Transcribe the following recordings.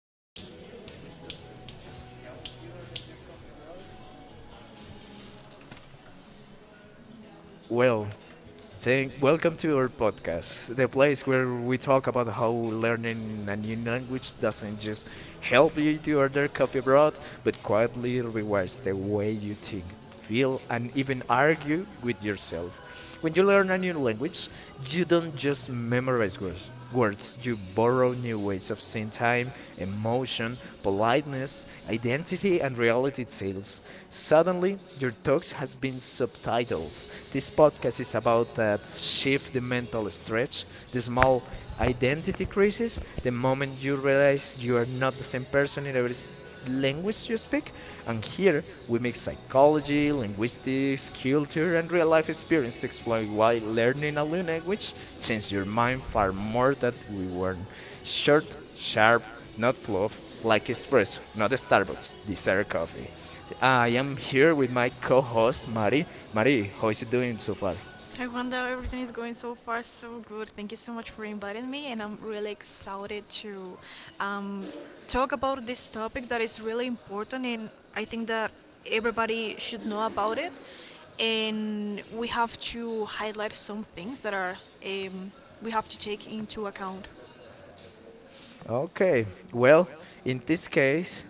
literally anything which doesn't just help you are talking about. Well, Well, well, they thank will welcome to our podcast, the voice. place where we talk about how learning a new language doesn't just help you to order coffee abroad, but quietly rewires the way you think, feel, and even argue with yourself. When you learn a new language, you don't just memorize words, you borrow new ways of seeing time, emotion, politeness, identity, and reality itself. Suddenly, your talks has been subtitles. This podcast is about that shift, the mental stretch, the small identity crisis, the moment you realize you are not the same person in every language you speak. And here we mix psychology, linguistics, culture, and real life experience to explore why learning a new language changes your mind far more than we warn. Short, sharp, not fluff, like espresso, not Starbucks, dessert coffee. I am here with my co-host Mari. Buddy. Mari, how is it doing so far? Hi Wanda, everything is going so far so good. Thank you so much for inviting me, and I'm really excited to um, talk about this topic that is really important, and I think that everybody should know about it. And we have to highlight some things that are um, we have to take into account. Okay. Well, in this case,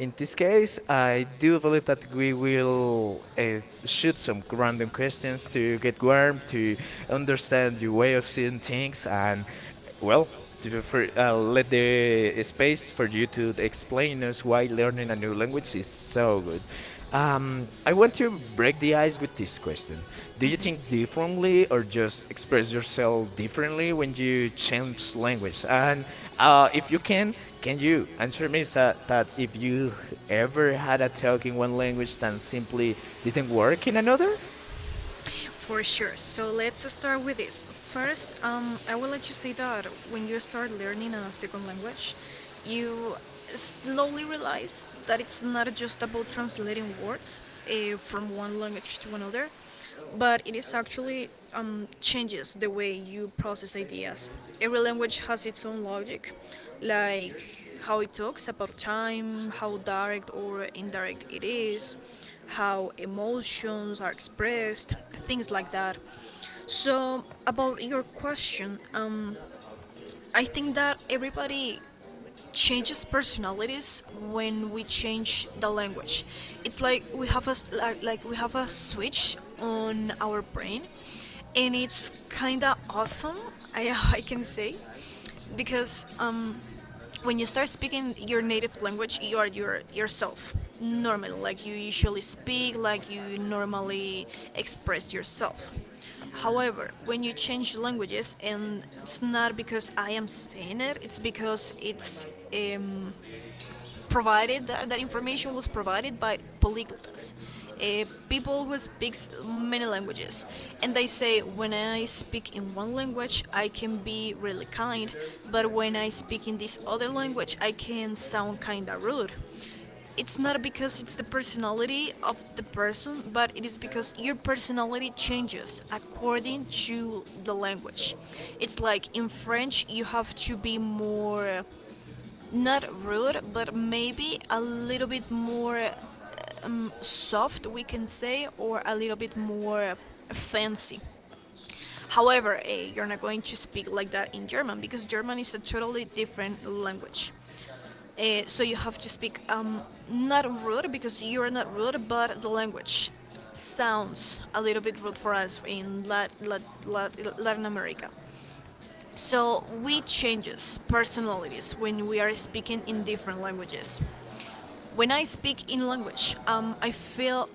in this case, I do believe that we will shoot some random questions to get Square, warm, to and there's the, understand your the way way of of seeing 16. things, and well, for let the space for you to explain us why learning a new language is so good. I want to break the ice with this question. Do you think differently or just express yourself differently when you change language? And if you can you answer me that if you ever had a talk in one language that simply didn't work in another? For sure. So let's start with this. First, I will let you say that when you start learning a second language, you slowly realize that it's not just about translating words from one language to another, but it is actually changes the way you process ideas. Every language has its own logic, like how it talks about time, how direct or indirect it is, how emotions are expressed, things like that. So, about your question, I think that everybody changes personalities when we change the language. It's like we have a like we have a switch on our brain, and it's kind of awesome. I I can say because when you start speaking your native language, you are yourself normally, like you usually speak, like you normally express yourself. However, when you change languages, and it's not because I am saying it, it's because it's, um, provided that, that information was provided by polyglots, people who speak many languages, and they say when I speak in one language I can be really kind, but when I speak in this other language I can sound kinda rude. It's not because it's the personality of the person, but it is because your personality changes according to the language. It's like in French you have to be more not rude, but maybe a little bit more soft, we can say, or a little bit more fancy. However, you're not going to speak like that in German because German is a totally different language. So you have to speak, not rude because you're not rude, but the language sounds a little bit rude for us in Latin America. So we changes personalities when we are speaking in different languages. When I speak in language, I feel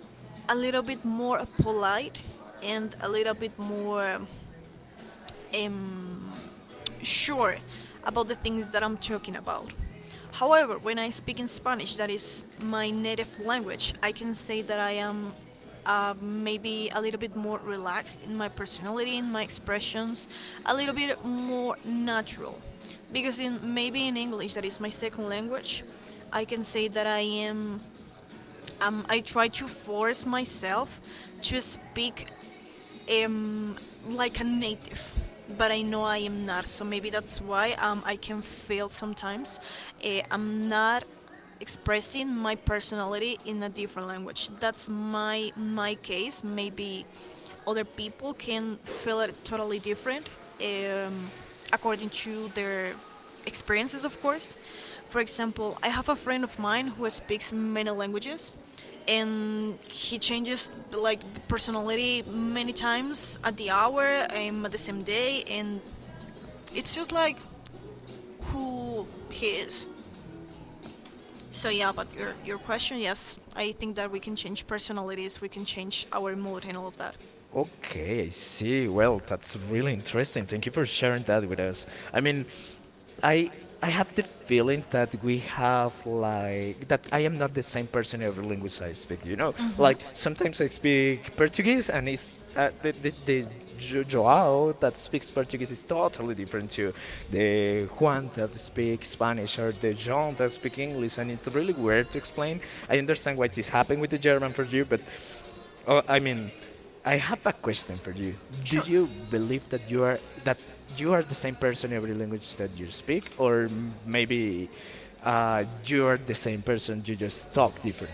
a little bit more polite and a little bit more um, sure about the things that I'm talking about. However, when I speak in Spanish, that is my native language, I can say that I am maybe a little bit more relaxed in my personality, in my expressions, a little bit more natural. Because in maybe in English, that is my second language, I can say that I am, I try to force myself to speak um, like a native. But I know I am not, so maybe that's why I can fail sometimes. I'm not expressing my personality in a different language. That's my case. Maybe other people can feel it totally different, um, according to their experiences, of course. For example, I have a friend of mine who speaks many languages, and he changes like the personality many times at the hour, and at the same day, and it's just like who he is. So yeah, but your question, yes, I think that we can change personalities, we can change our mood and all of that. Okay, I see. Well, that's really interesting. Thank you for sharing that with us. I mean, I I have the feeling that we have like that I am not the same person every language I speak. You know, Hmm. like sometimes I speak Portuguese and it's the Joao that speaks Portuguese is totally different to the Juan that speaks Spanish or the John that speaks English, and it's really weird to explain. I understand what is happening with the German for you, but Oh, I mean, I have a question for you. Do Sure. you believe that you are the same person every language that you speak, or maybe you are the same person, you just talk different?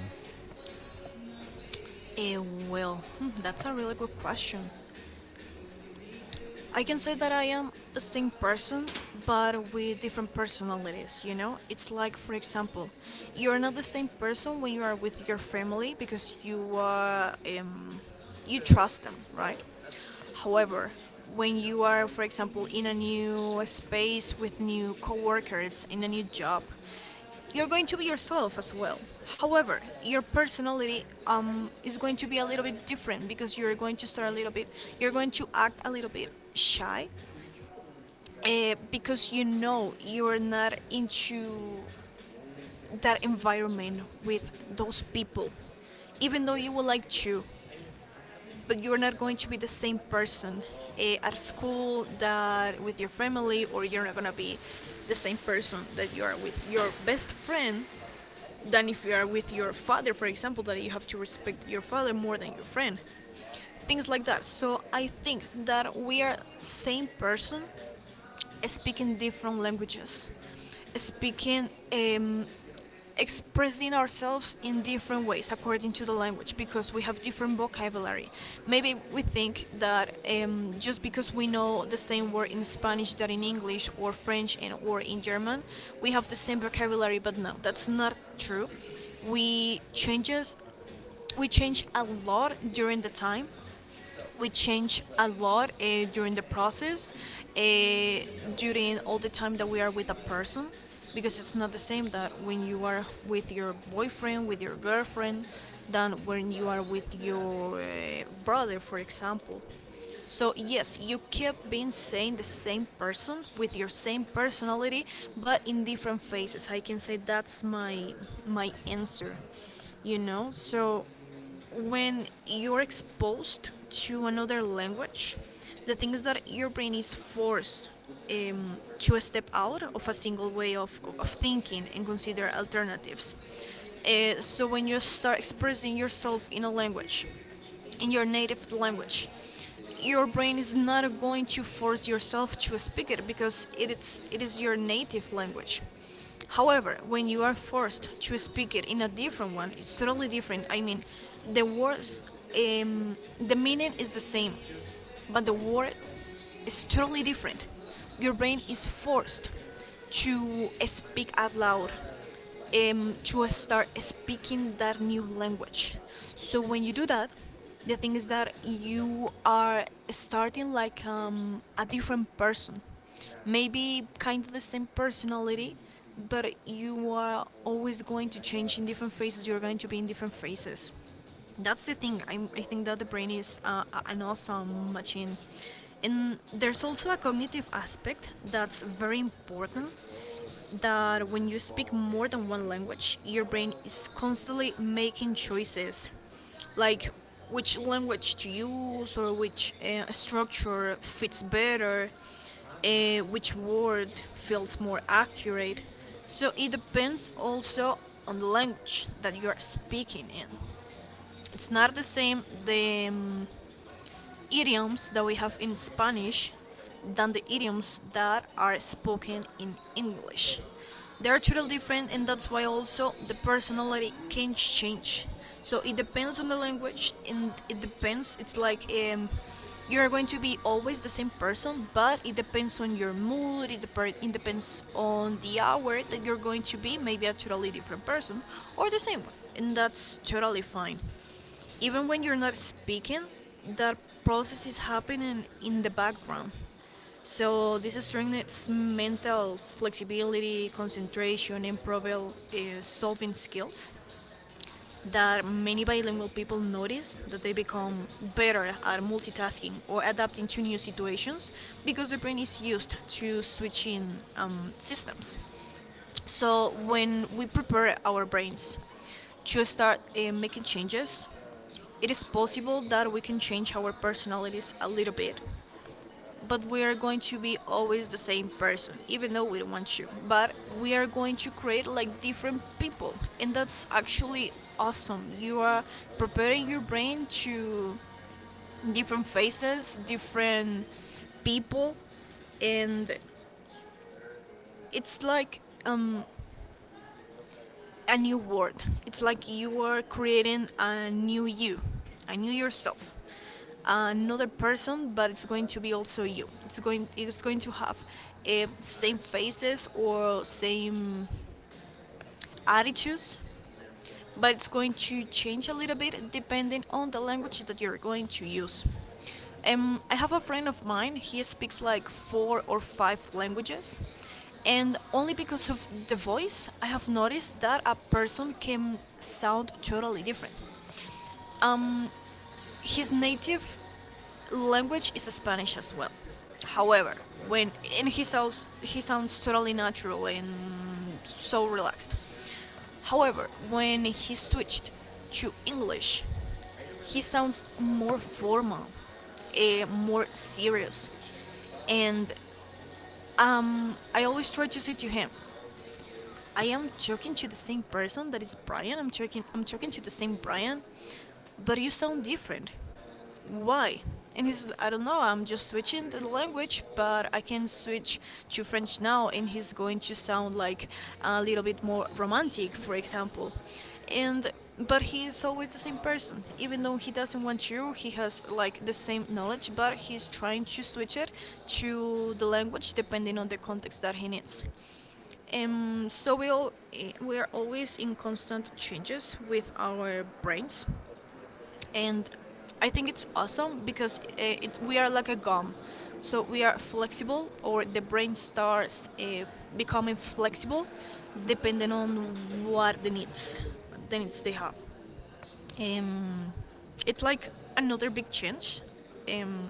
It will. Hmm, that's a really good question. I can say that I am the same person, but with different personalities, you know? It's like, for example, you're not the same person when you are with your family because um, you trust them, right? However, when you are, for example, in a new space with new coworkers, in a new job, you're going to be yourself as well. However, your personality is going to be a little bit different because you're going to start a little bit, you're going to act a little bit shy because you know you're not into that environment with those people, even though you would like to. But you're not going to be the same person at school that with your family, or you're not gonna be the same person that you are with your best friend than if you are with your father, for example, that you have to respect your father more than your friend. Things like that. So I think that we are same person speaking different languages, speaking expressing ourselves in different ways according to the language because we have different vocabulary. Maybe we think that just because we know the same word in Spanish that in English or French and or in German, we have the same vocabulary. But no, that's not true. We changes we change a lot during the time, we change a lot during the process, uh, during all the time that we are with a person, because it's not the same that when you are with your boyfriend, with your girlfriend, than when you are with your brother, for example. So yes, you keep being saying the same person with your same personality, but in different phases. I can say that's my answer, you know. So when you're exposed to another language, the thing is that your brain is forced to step out of a single way of thinking and consider alternatives. So when you start expressing yourself in a language in your native language. Your brain is not going to force yourself to speak it because it is your native language. However, when you are forced to speak it in a different one, it's totally different. I mean, the words, the meaning is the same, but the war is totally different. Your brain is forced to speak out loud, to start speaking that new language. So when you do that, the thing is that you are starting like a different person. Maybe kind of the same personality, but you are always going to change in different phases. You're going to be in different phases, that's the thing. I think that the brain is an awesome machine, and there's also a cognitive aspect that's very important, that when you speak more than one language your brain is constantly making choices, like which language to use, or which structure fits better, which word feels more accurate. So it depends also on the language that you are speaking in. It's not the same the idioms that we have in Spanish than the idioms that are spoken in English. They are totally different, and that's why also the personality can change. So it depends on the language, and it depends. It's like you are going to be always the same person, but it depends on your mood. It depends on the hour that you're going to be. Maybe a totally different person or the same one, and that's totally fine. Even when you're not speaking, that process is happening in the background. So this strengthens mental flexibility, concentration, and problem solving skills, that many bilingual people notice that they become better at multitasking or adapting to new situations because the brain is used to switching systems. So when we prepare our brains to start making changes, it is possible that we can change our personalities a little bit, but we are going to be always the same person, even though we don't want to. But we are going to create like different people, and that's actually awesome. You are preparing your brain to different faces, different people, and it's like a new world. It's like you are creating a new you, a new yourself, another person, but it's going to be also you. It's going to have same faces or same attitudes, but it's going to change a little bit depending on the language that you're going to use. I have a friend of mine, he speaks like four or five languages, and only because of the voice, I have noticed that a person can sound totally different. Um, his native language is Spanish as well. However, when and he sounds totally natural and so relaxed. However, when he switched to English, he sounds more formal, more serious. And I always try to say to him, I am talking to the same person that is Brian. I'm talking to the same Brian, but you sound different. Why? And he's, I don't know, I'm just switching the language, but I can switch to French now, and he's going to sound like a little bit more romantic, for example. And but he is always the same person, even though he doesn't want to. He has like the same knowledge, but he's trying to switch it to the language depending on the context that he needs. So we are always in constant changes with our brains, and I think it's awesome because we are like a gum. So we are flexible, or the brain starts becoming flexible, depending on what the needs, the needs they have. Um, it's like another big change um,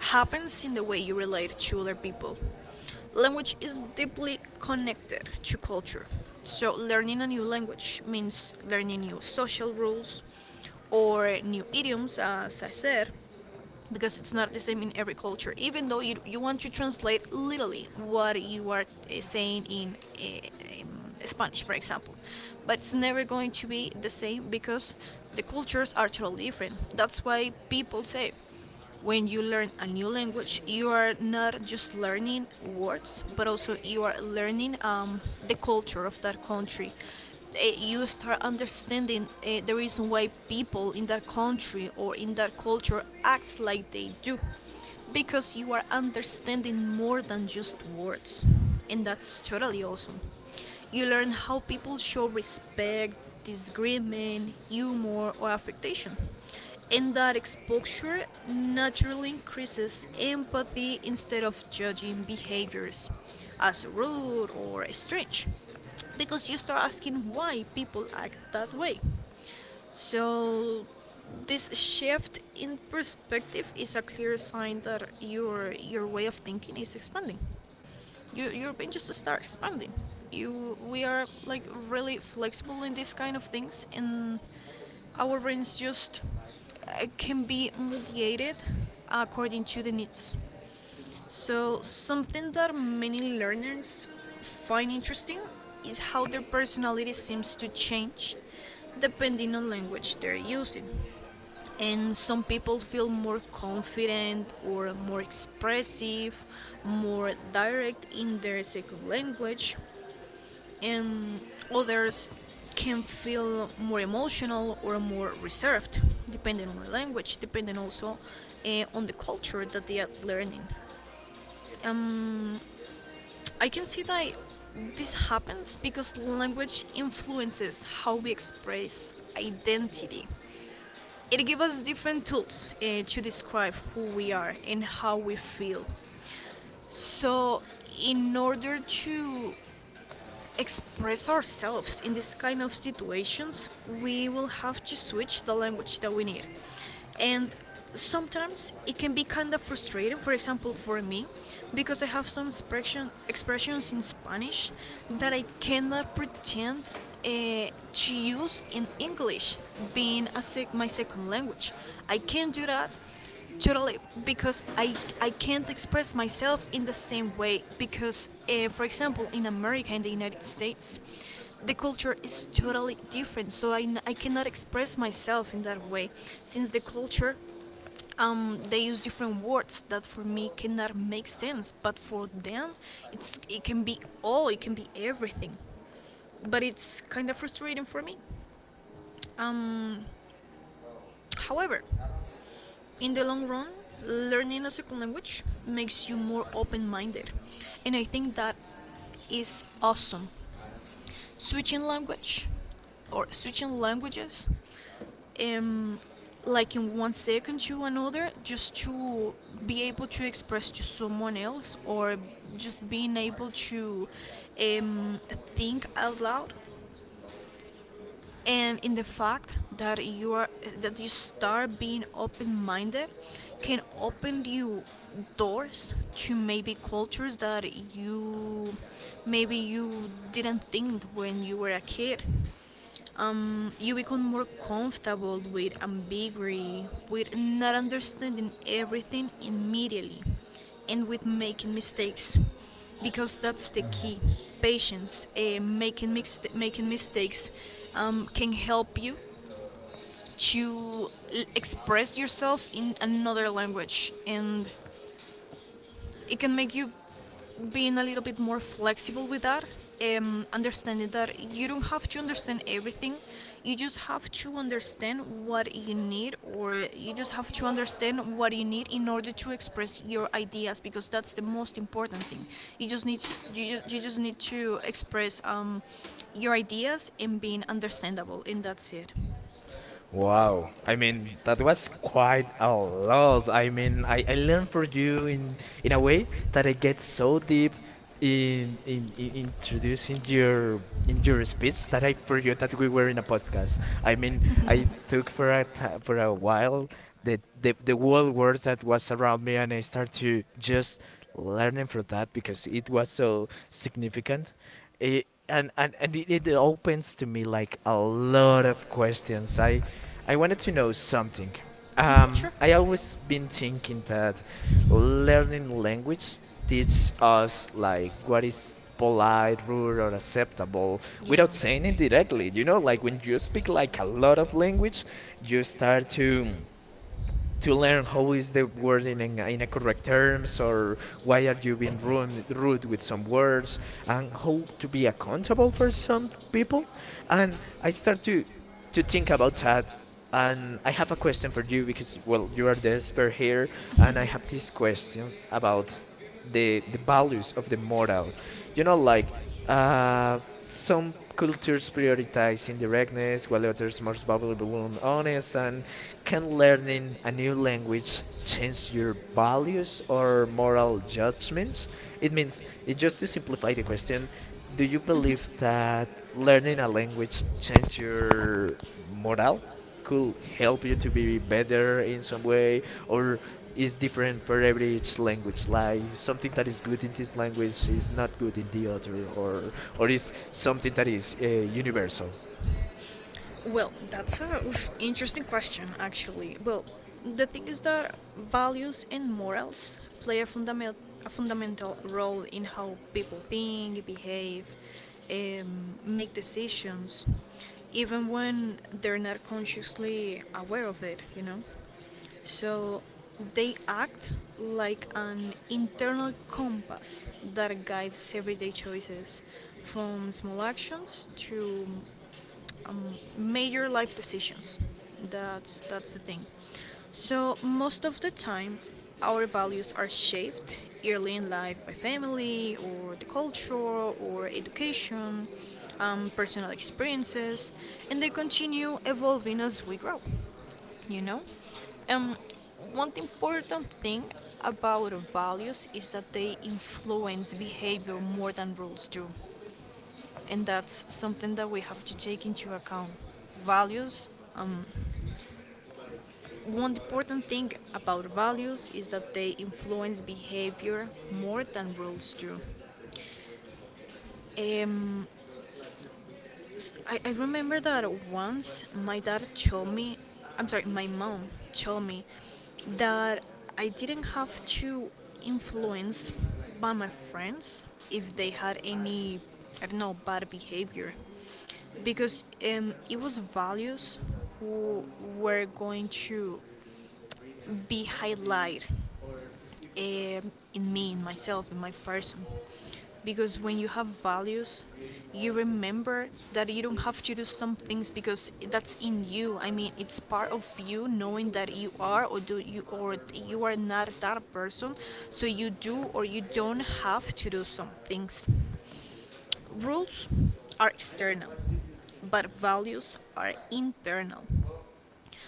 happens in the way you relate to other people. Language is deeply connected to culture. So, learning a new language means learning new social rules or new idioms, as I said, because it's not the same in every culture. Even though you want to translate literally what you are saying in Spanish, for example, but it's never going to be the same because the cultures are totally different. That's why people say when you learn a new language, you are not just learning words, but also you are learning the culture of that country. You start understanding the reason why people in that country or in that culture acts like they do, because you are understanding more than just words, and that's totally awesome. You learn how people show respect, disagreement, humor, or affectation. And that exposure naturally increases empathy instead of judging behaviors as rude or strange because you start asking why people act that way. So, this shift in perspective is a clear sign that your way of thinking is expanding. European just start expanding. We are like really flexible in these kind of things, and our brains just can be mediated according to the needs. So something that many learners find interesting is how their personality seems to change depending on language they're using, and some people feel more confident or more expressive, more direct in their second language, and others can feel more emotional or more reserved, depending on the language, depending also on the culture that they are learning. Um, I can see that this happens because language influences how we express identity. It gives us different tools to describe who we are and how we feel. So, in order to express ourselves in this kind of situations, we will have to switch the language that we need. And sometimes it can be kind of frustrating, for example, for me, because I have some expressions in Spanish that I cannot pretend to use in English, being my second language. I can't do that totally, because I can't express myself in the same way because, for example, in America, in the United States, the culture is totally different. So I cannot express myself in that way since the culture, they use different words that for me cannot make sense, but for them, it's it can be all, it can be everything. But it's kind of frustrating for me. Um, however, in the long run, learning a second language makes you more open minded. And I think that is awesome. Switching language switching languages, um, like in one second to another, just to be able to express to someone else, or just being able to um, think out loud, and in the fact that you are that you start being open-minded, can open you doors to maybe cultures that you maybe you didn't think when you were a kid. You become more comfortable with ambiguity, with not understanding everything immediately, and with making mistakes. Because that's the key: patience. Making mistakes can help you to express yourself in another language, and it can make you being a little bit more flexible with that, understanding that you don't have to understand everything. You just have to understand what you need, or you just have to understand what you need in order to express your ideas, because that's the most important thing. You just need to, you just need to express your ideas and being understandable, and that's it. Wow. I mean, that was quite a lot. I mean, I learned for you in a way that I get so deep in introducing your in your speech that I forgot that we were in a podcast. I mean, I took for a ti for a while the world that was around me, and I start to just learning from that because it was so significant. It, and it opens to me like a lot of questions. I wanted to know something. Mhm, sure. I always been thinking that learning language teaches us like what is polite, rude, or acceptable Yeah. without saying it Say, directly. like, You know, like, like, like when like, you speak like a lot of like, language, you like, start to learn how is the word in a correct terms or why are you being rude with some words and how to be accountable for some people and I start to think about that, and I have a question for you because well you are the expert here, and I have this question about the values of the moral. You know, like uh some cultures prioritize indirectness while others more bubbly balloon honest, and can learning a new language change your values or moral judgments? It means, it just to simplify the question, do you believe Mm-hmm. that learning a language change your morale? Could help you to be better in some way, or is different for every each language? Like something that is good in this language is not good in the other, or is something that is universal? Well, that's a, oof, interesting question, actually. Well, the thing is that values and morals play a fundamental role in how people think, behave, um, make decisions, even when they're not consciously aware of it, you know? So they act like an internal compass that guides everyday choices, from small actions to um, major life decisions. That's the thing. So most of the time, our values are shaped early in life by family or the culture or education, personal experiences, and they continue evolving as we grow you know um One important thing about values is that they influence behavior more than rules do, and that's something that we have to take into account. Values, um one important thing about values is that they influence behavior more than rules do. um I remember that once my dad told me, I'm sorry, my mom told me that I didn't have to influence by my friends if they had any, I don't know, bad behavior. Because it was values who were going to be highlighted in me, in myself, in my person. Because when you have values, you remember that you don't have to do some things because that's in you. I mean, it's part of you knowing that you are, or do you, or you are not that person. So you do, or you don't have to do some things. Rules are external, but values are internal.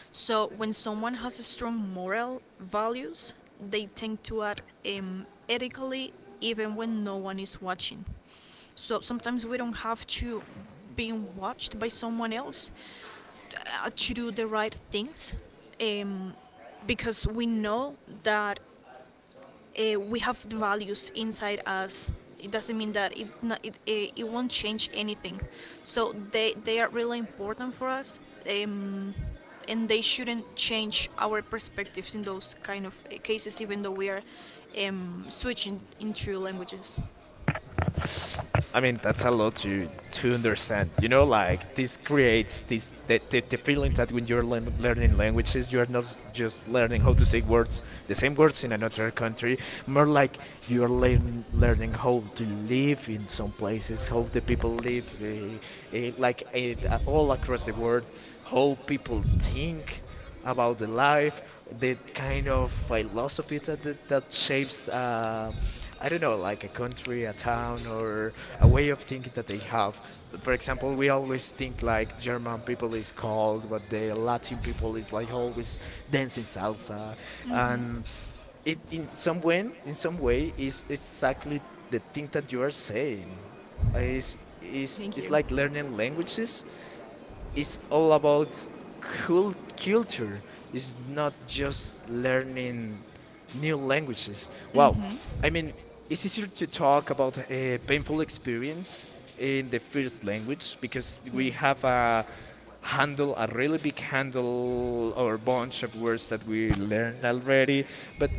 So when someone has strong moral values, they tend to act ethically, even when no one is watching. So sometimes we don't have to being watched by someone else to do the right things, um, because we know that we have the values inside us. It doesn't mean that it, no- it won't change anything. So they are really important for us, um, and they shouldn't change our perspectives in those kind of cases, even though we are switching into languages. I mean, that's a lot to understand. You know, like this creates this the feeling that when you're learning languages, you're not just learning how to say words, the same words in another country. More like you're learning how to live in some places, how the people live, all across the world, how people think about the life, the kind of philosophy For that that shapes I don't know, like a country, a town, or a way of thinking that they have. For example, example, we we always always think think like like German German people people is is. cold, but the Latin people is like always dancing salsa, Mm-hmm. and It, it in in some some way, way, in in some some way, way, is is exactly exactly the the thing thing that that you you are are saying. saying. It's, it's, it's Thank Is you. like learning languages. It's all about culture, is not just learning new languages. Wow, I mean, it's easier to talk about a painful experience in the first language because Mhm. Yeah. we have a handle, a really big I handle or bunch of words that we learned already. But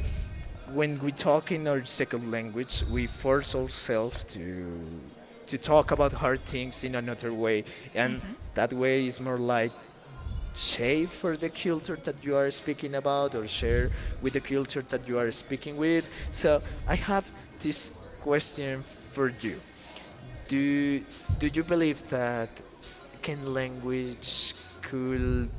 when we talk in our second language, we force ourselves to talk about hard things in another way, and that way is more like shape for the culture that you are speaking about or share with the culture that you are speaking with. So I have this question for you. Do do you believe that can language could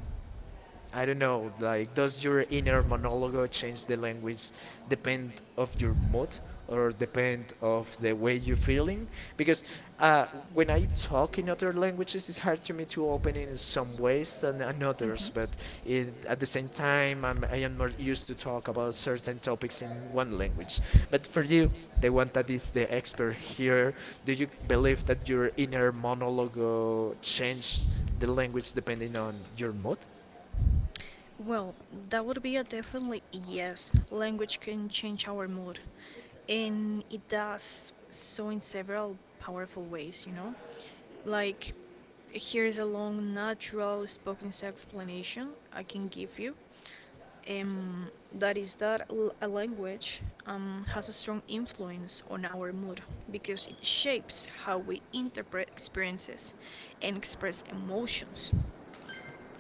I don't know, like Because does they're your even inner going to monologue on change the the feelings, language the pain depend of of your your sport, mood or or the pain depend of of the the way way you you're feel it. feeling? Because Because uh, when when I I talk talk in in other other languages, languages, it's it's hard hard to, to me to to open obey in in some some ways ways than and in in others. Mhm. others. But But it, at at the the same same time, time, I'm I being am more more used used to to talk talk about about certain certain topics topics as in one one language. language. But But for believe you, me, the the one one that one is is the the expert expert here. here, do Do you you believe believe that that your your inner inner monologue monologue will change changed the the language language that you depending use on your in your mood? job? Well, that would be a definitely yes. Language can change our mood, and it does so in several powerful ways, you know? Like, here's a long, natural spoken explanation I can give you. That is that l- a language has a strong influence on our mood because it shapes how we interpret experiences and express emotions.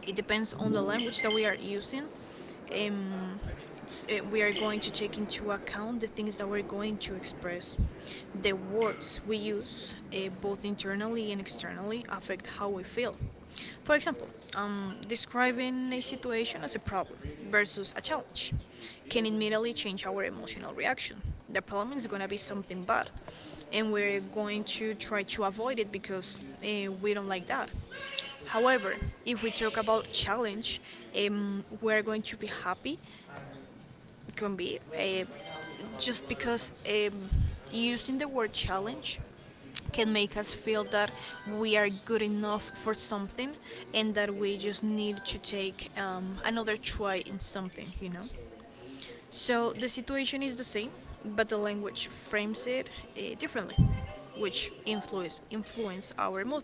It depends on the language that we are using. um, we are going to take into account the things that we're going to express. The words we use, both internally and externally, affect how we feel. For example, describing a situation as a problem versus a challenge can immediately change our emotional reaction. The problem is going to be something bad, and we're going to try to avoid it because we don't like that. However, if we talk about challenge, we're going to be happy, can be, just because, using the word challenge can make us feel that we are good enough for something and that we just need to take another try in something, you know? So the situation is the same, but the language frames it differently, which influence our mood.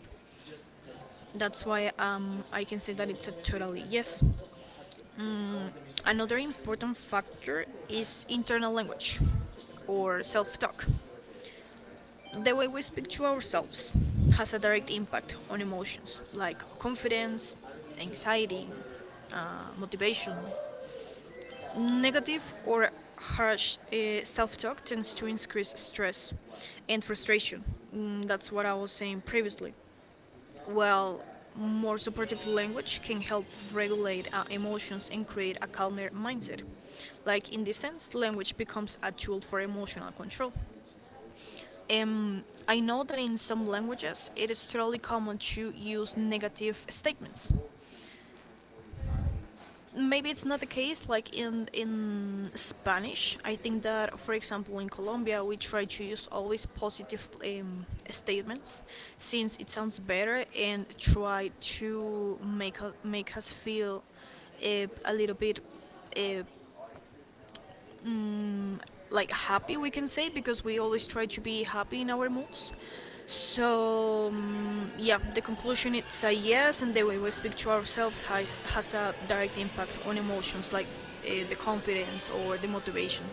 That's why I can say that it's a totally yes. Mm, Another important factor is internal language or self talk. The way we speak to ourselves has a direct impact on emotions like confidence, anxiety, motivation. Negative or harsh self talk tends to increase stress and frustration. That's what I was saying previously. Well, more supportive language can help regulate our emotions and create a calmer mindset. Like in this sense, language becomes a tool for emotional control. I know that in some languages it is totally common to use negative statements. Maybe it's not the case like in Spanish. I think that, for example, in Colombia we try to use always positive statements, since it sounds better and try to make make us feel a little bit uh, mm, like happy, we can say, because we always try to be happy in our moves. So yeah, the conclusion it's a yes, and the way we speak to ourselves has a direct impact on emotions like the confidence or the motivation.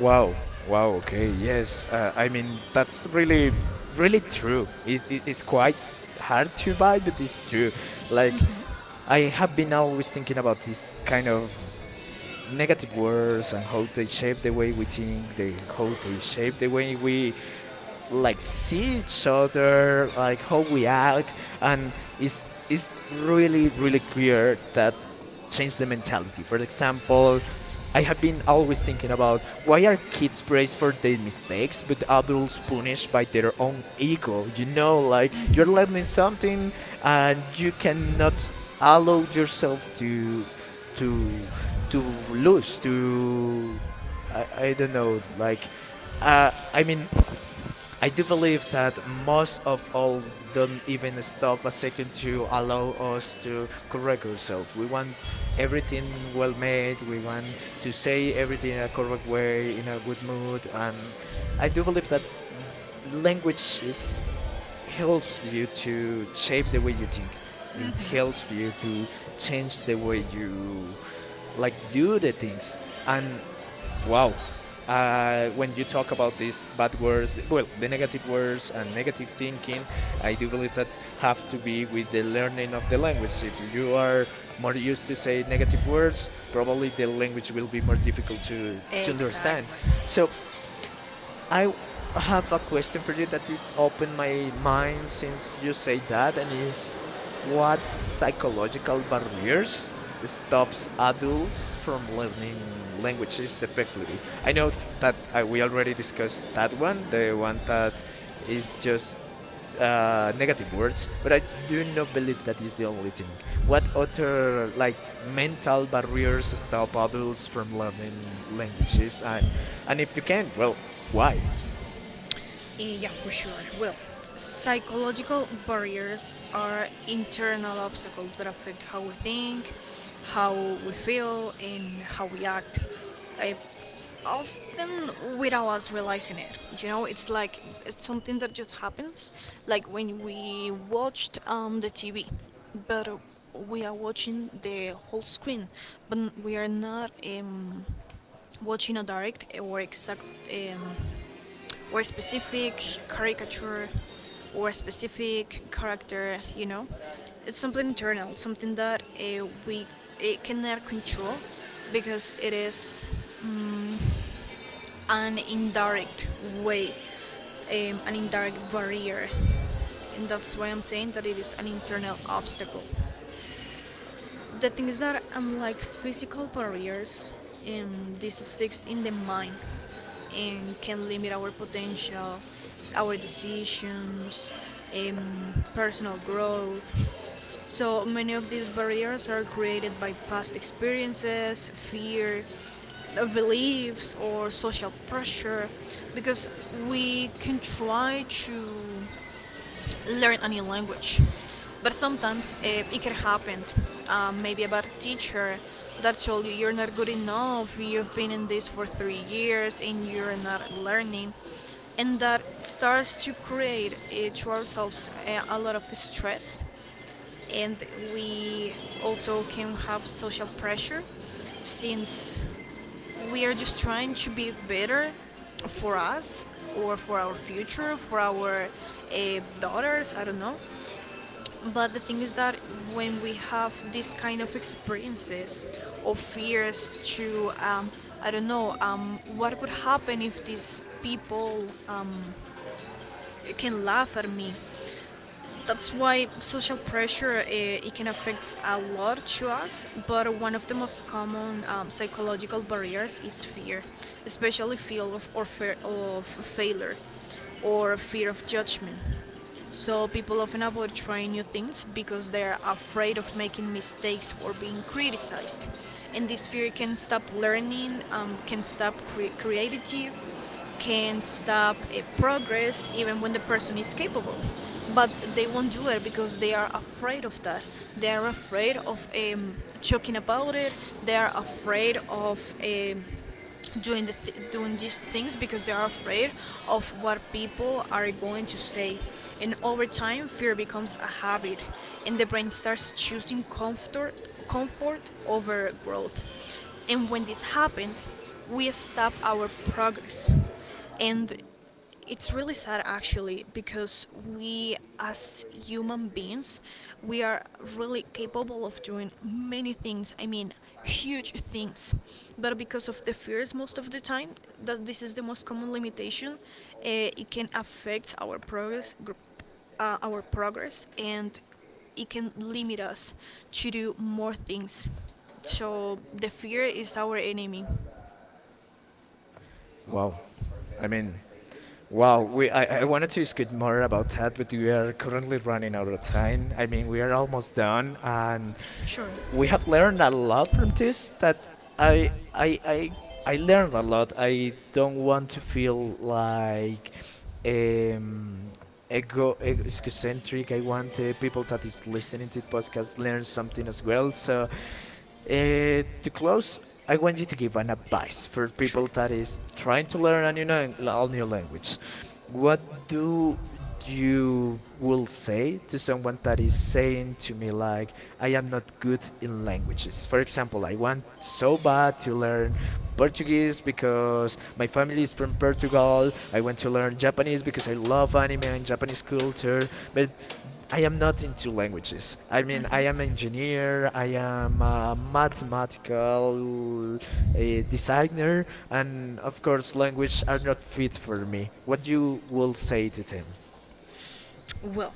Wow. Wow. Okay. Yes. I mean, that's really, really true. It's quite hard to buy, but it's true. Like, Mhm. I have been always thinking about this kind of negative words and how they shape the way we think, the, how they shape the way we, like, see each other, like, how we act. And it's really, really clear that change the mentality. For example, I have been always thinking about why are kids praised for their mistakes but adults punished by their own ego? You know, like you're Mhm. learning something and you cannot allow yourself to to lose to I don't know like I mean I do believe that most of all don't even stop a second to allow us to correct ourselves. We want everything well made. We want to say everything in a correct way, in a good mood, and I do believe that language is helps you to shape the way you think. It helps you to change the way you like do the things, and wow. When you talk about these bad words, well, the negative words and negative thinking, I do believe that have to be with the learning of the language. If you are more used to say negative words, probably the language will be more difficult to Exacto. understand. So I have a question for you that it opened my mind since you say that, and is what psychological barriers stops adults from learning languages effectively? I know that we already discussed that one, the one that is just negative words, but I do not believe that is the only thing. What other like mental barriers stop adults from learning languages, and if you can, well, why? Yeah, for sure. Well, psychological barriers are internal obstacles that affect how we think, how we feel, and how we act. I often, without us realizing it. You know, it's like it's something that just happens, like when we watched the TV, but we are watching the whole screen, but we are not watching a direct or exact. Um, or specific caricature or specific character, you know. It's something internal, something that we it cannot control because it is um, an indirect way, an indirect barrier. And that's why I'm saying that it is an internal obstacle. The thing is that I'm like physical barriers, and this sticks in the mind, and can limit our potential, our decisions, personal growth. So many of these barriers are created by past experiences, fear, beliefs, or social pressure, because we can try to learn a new language. But sometimes it can happen. Maybe about a teacher that told you you're not good enough, you've been in this for 3 years and you're not learning. And that starts to create to ourselves a lot of stress. And we also can have social pressure since we are just trying to be better for us or for our future, for our daughters, I don't know. But the thing is that when we have this kind of experiences or fears to, I don't know, what would happen if these people can laugh at me? That's why social pressure it can affect a lot to us. But one of the most common psychological barriers is fear, especially fear of, or fear of failure, or fear of judgment. So people often avoid trying new things because they are afraid of making mistakes or being criticized, and this fear can stop learning, can stop creative, can stop a progress even when the person is capable. But they won't do it because they are afraid of that. They are afraid of joking about it. They are afraid of doing the doing these things because they are afraid of what people are going to say. And over time, fear becomes a habit, and the brain starts choosing comfort comfort over growth. And when this happened, we stop our progress. And it's really sad actually because we as human beings, we are really capable of doing many things. I mean, huge things. But because of the fears most of the time, that this is the most common limitation. It can affect our progress our progress, and it can limit us to do more things. So the fear is our enemy. Wow. I mean, wow. We I wanted to speak more about that, but we are currently running out of time. I mean, we are almost done, and Sure. we have learned a lot from this. That I. I learned a lot. I don't want like to um, feel like um, egocentric. I want people that is listening to the podcast learn something as well. well. So So to close, I want you to give an advice for Sure. people that is trying to learn a new a new language. What What do do you you will will say say to to someone someone that that is you say saying to to me me, like, like, "I I am am not not good good with the in languages. languages." For For example, I example, I want want so so bad bad to to learn learn Portuguese Portuguese because because my my family parents is was from Portugal. Portugal. I I want want to to learn learn Japanese Japanese because I because I love love anime anime, and Japanese Japanese culture. culture. But But I I am am not not into into languages. languages. I I mean, mean, I I am am an engineer, engineer, I I am a am a mathematical mathematical designer, designer, and and of of course, course, wish language are not fit for me. What you will I, say to them? well,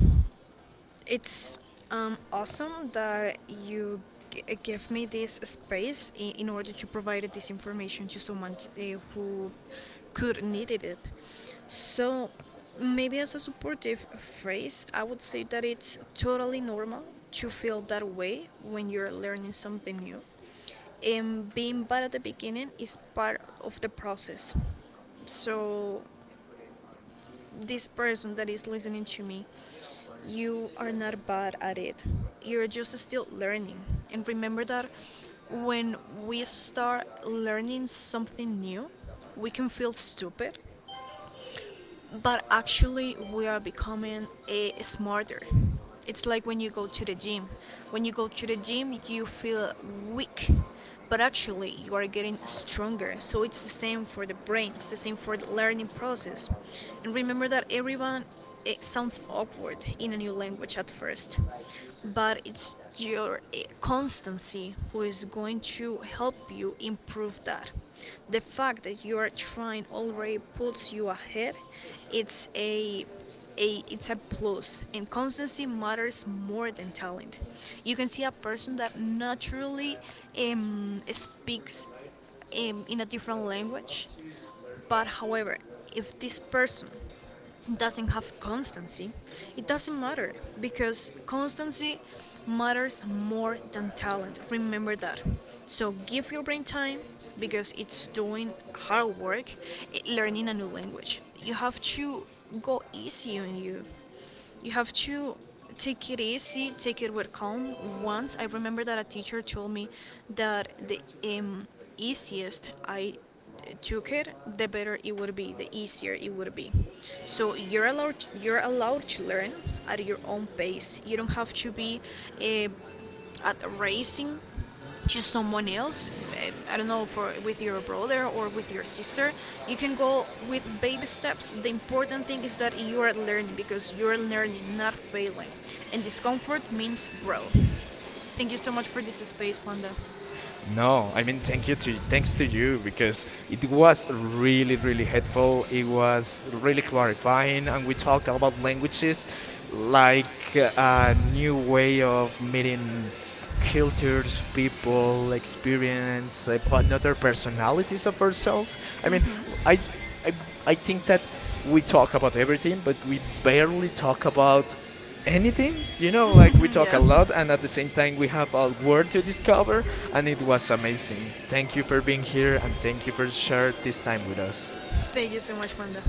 it's awesome that you give me this space in order to provide this information to someone today who could needed it. So maybe as a supportive phrase, I would say that it's totally normal to feel that way when you're learning something new. And being bad at the beginning is part of the process. So this person that is listening to me, you are not bad at it. You're just still learning. And remember that when we start learning something new, we can feel stupid, but actually we are becoming a smarter. It's like when you go to the gym, when you go to the gym you feel weak, but actually you are getting stronger. So it's the same for the brain, it's the same for the learning process. And remember that everyone, it sounds awkward in a new language at first, but it's your constancy who is going to help you improve that. The fact that you are trying already puts you ahead. It's a, it's a plus, and constancy matters more than talent. You can see a person that naturally speaks in a different language, but however, if this person doesn't have constancy, it doesn't matter, because constancy matters more than talent. Remember that. So give your brain time because it's doing hard work learning a new language. You have to go easy on you, you have to take it easy, take it with calm. Once I remember that a teacher told me that the um, easiest I took it, the better it would be, the easier it would be. So you're allowed to learn at your own pace. You don't have to be uh, at racing to someone else. I don't know, for with your brother or with your sister, you can go with baby steps. The important thing is that you are learning, because you're learning, not failing, and discomfort means growth. Thank you so much for this space, Wanda. No, I mean thank you to thanks to you because it was really really helpful. It was really clarifying, and we talked about languages like a new way of meeting cultures, people, experience, like, another personalities of ourselves. I mean, I Hmm. I I think that we talk about everything, but we barely talk about anything. You know, like we talk a Yeah. lot and at the same time we have a word to discover, and it was amazing. Thank you for being here and thank you for sharing this time with us. Thank you so much, Panda.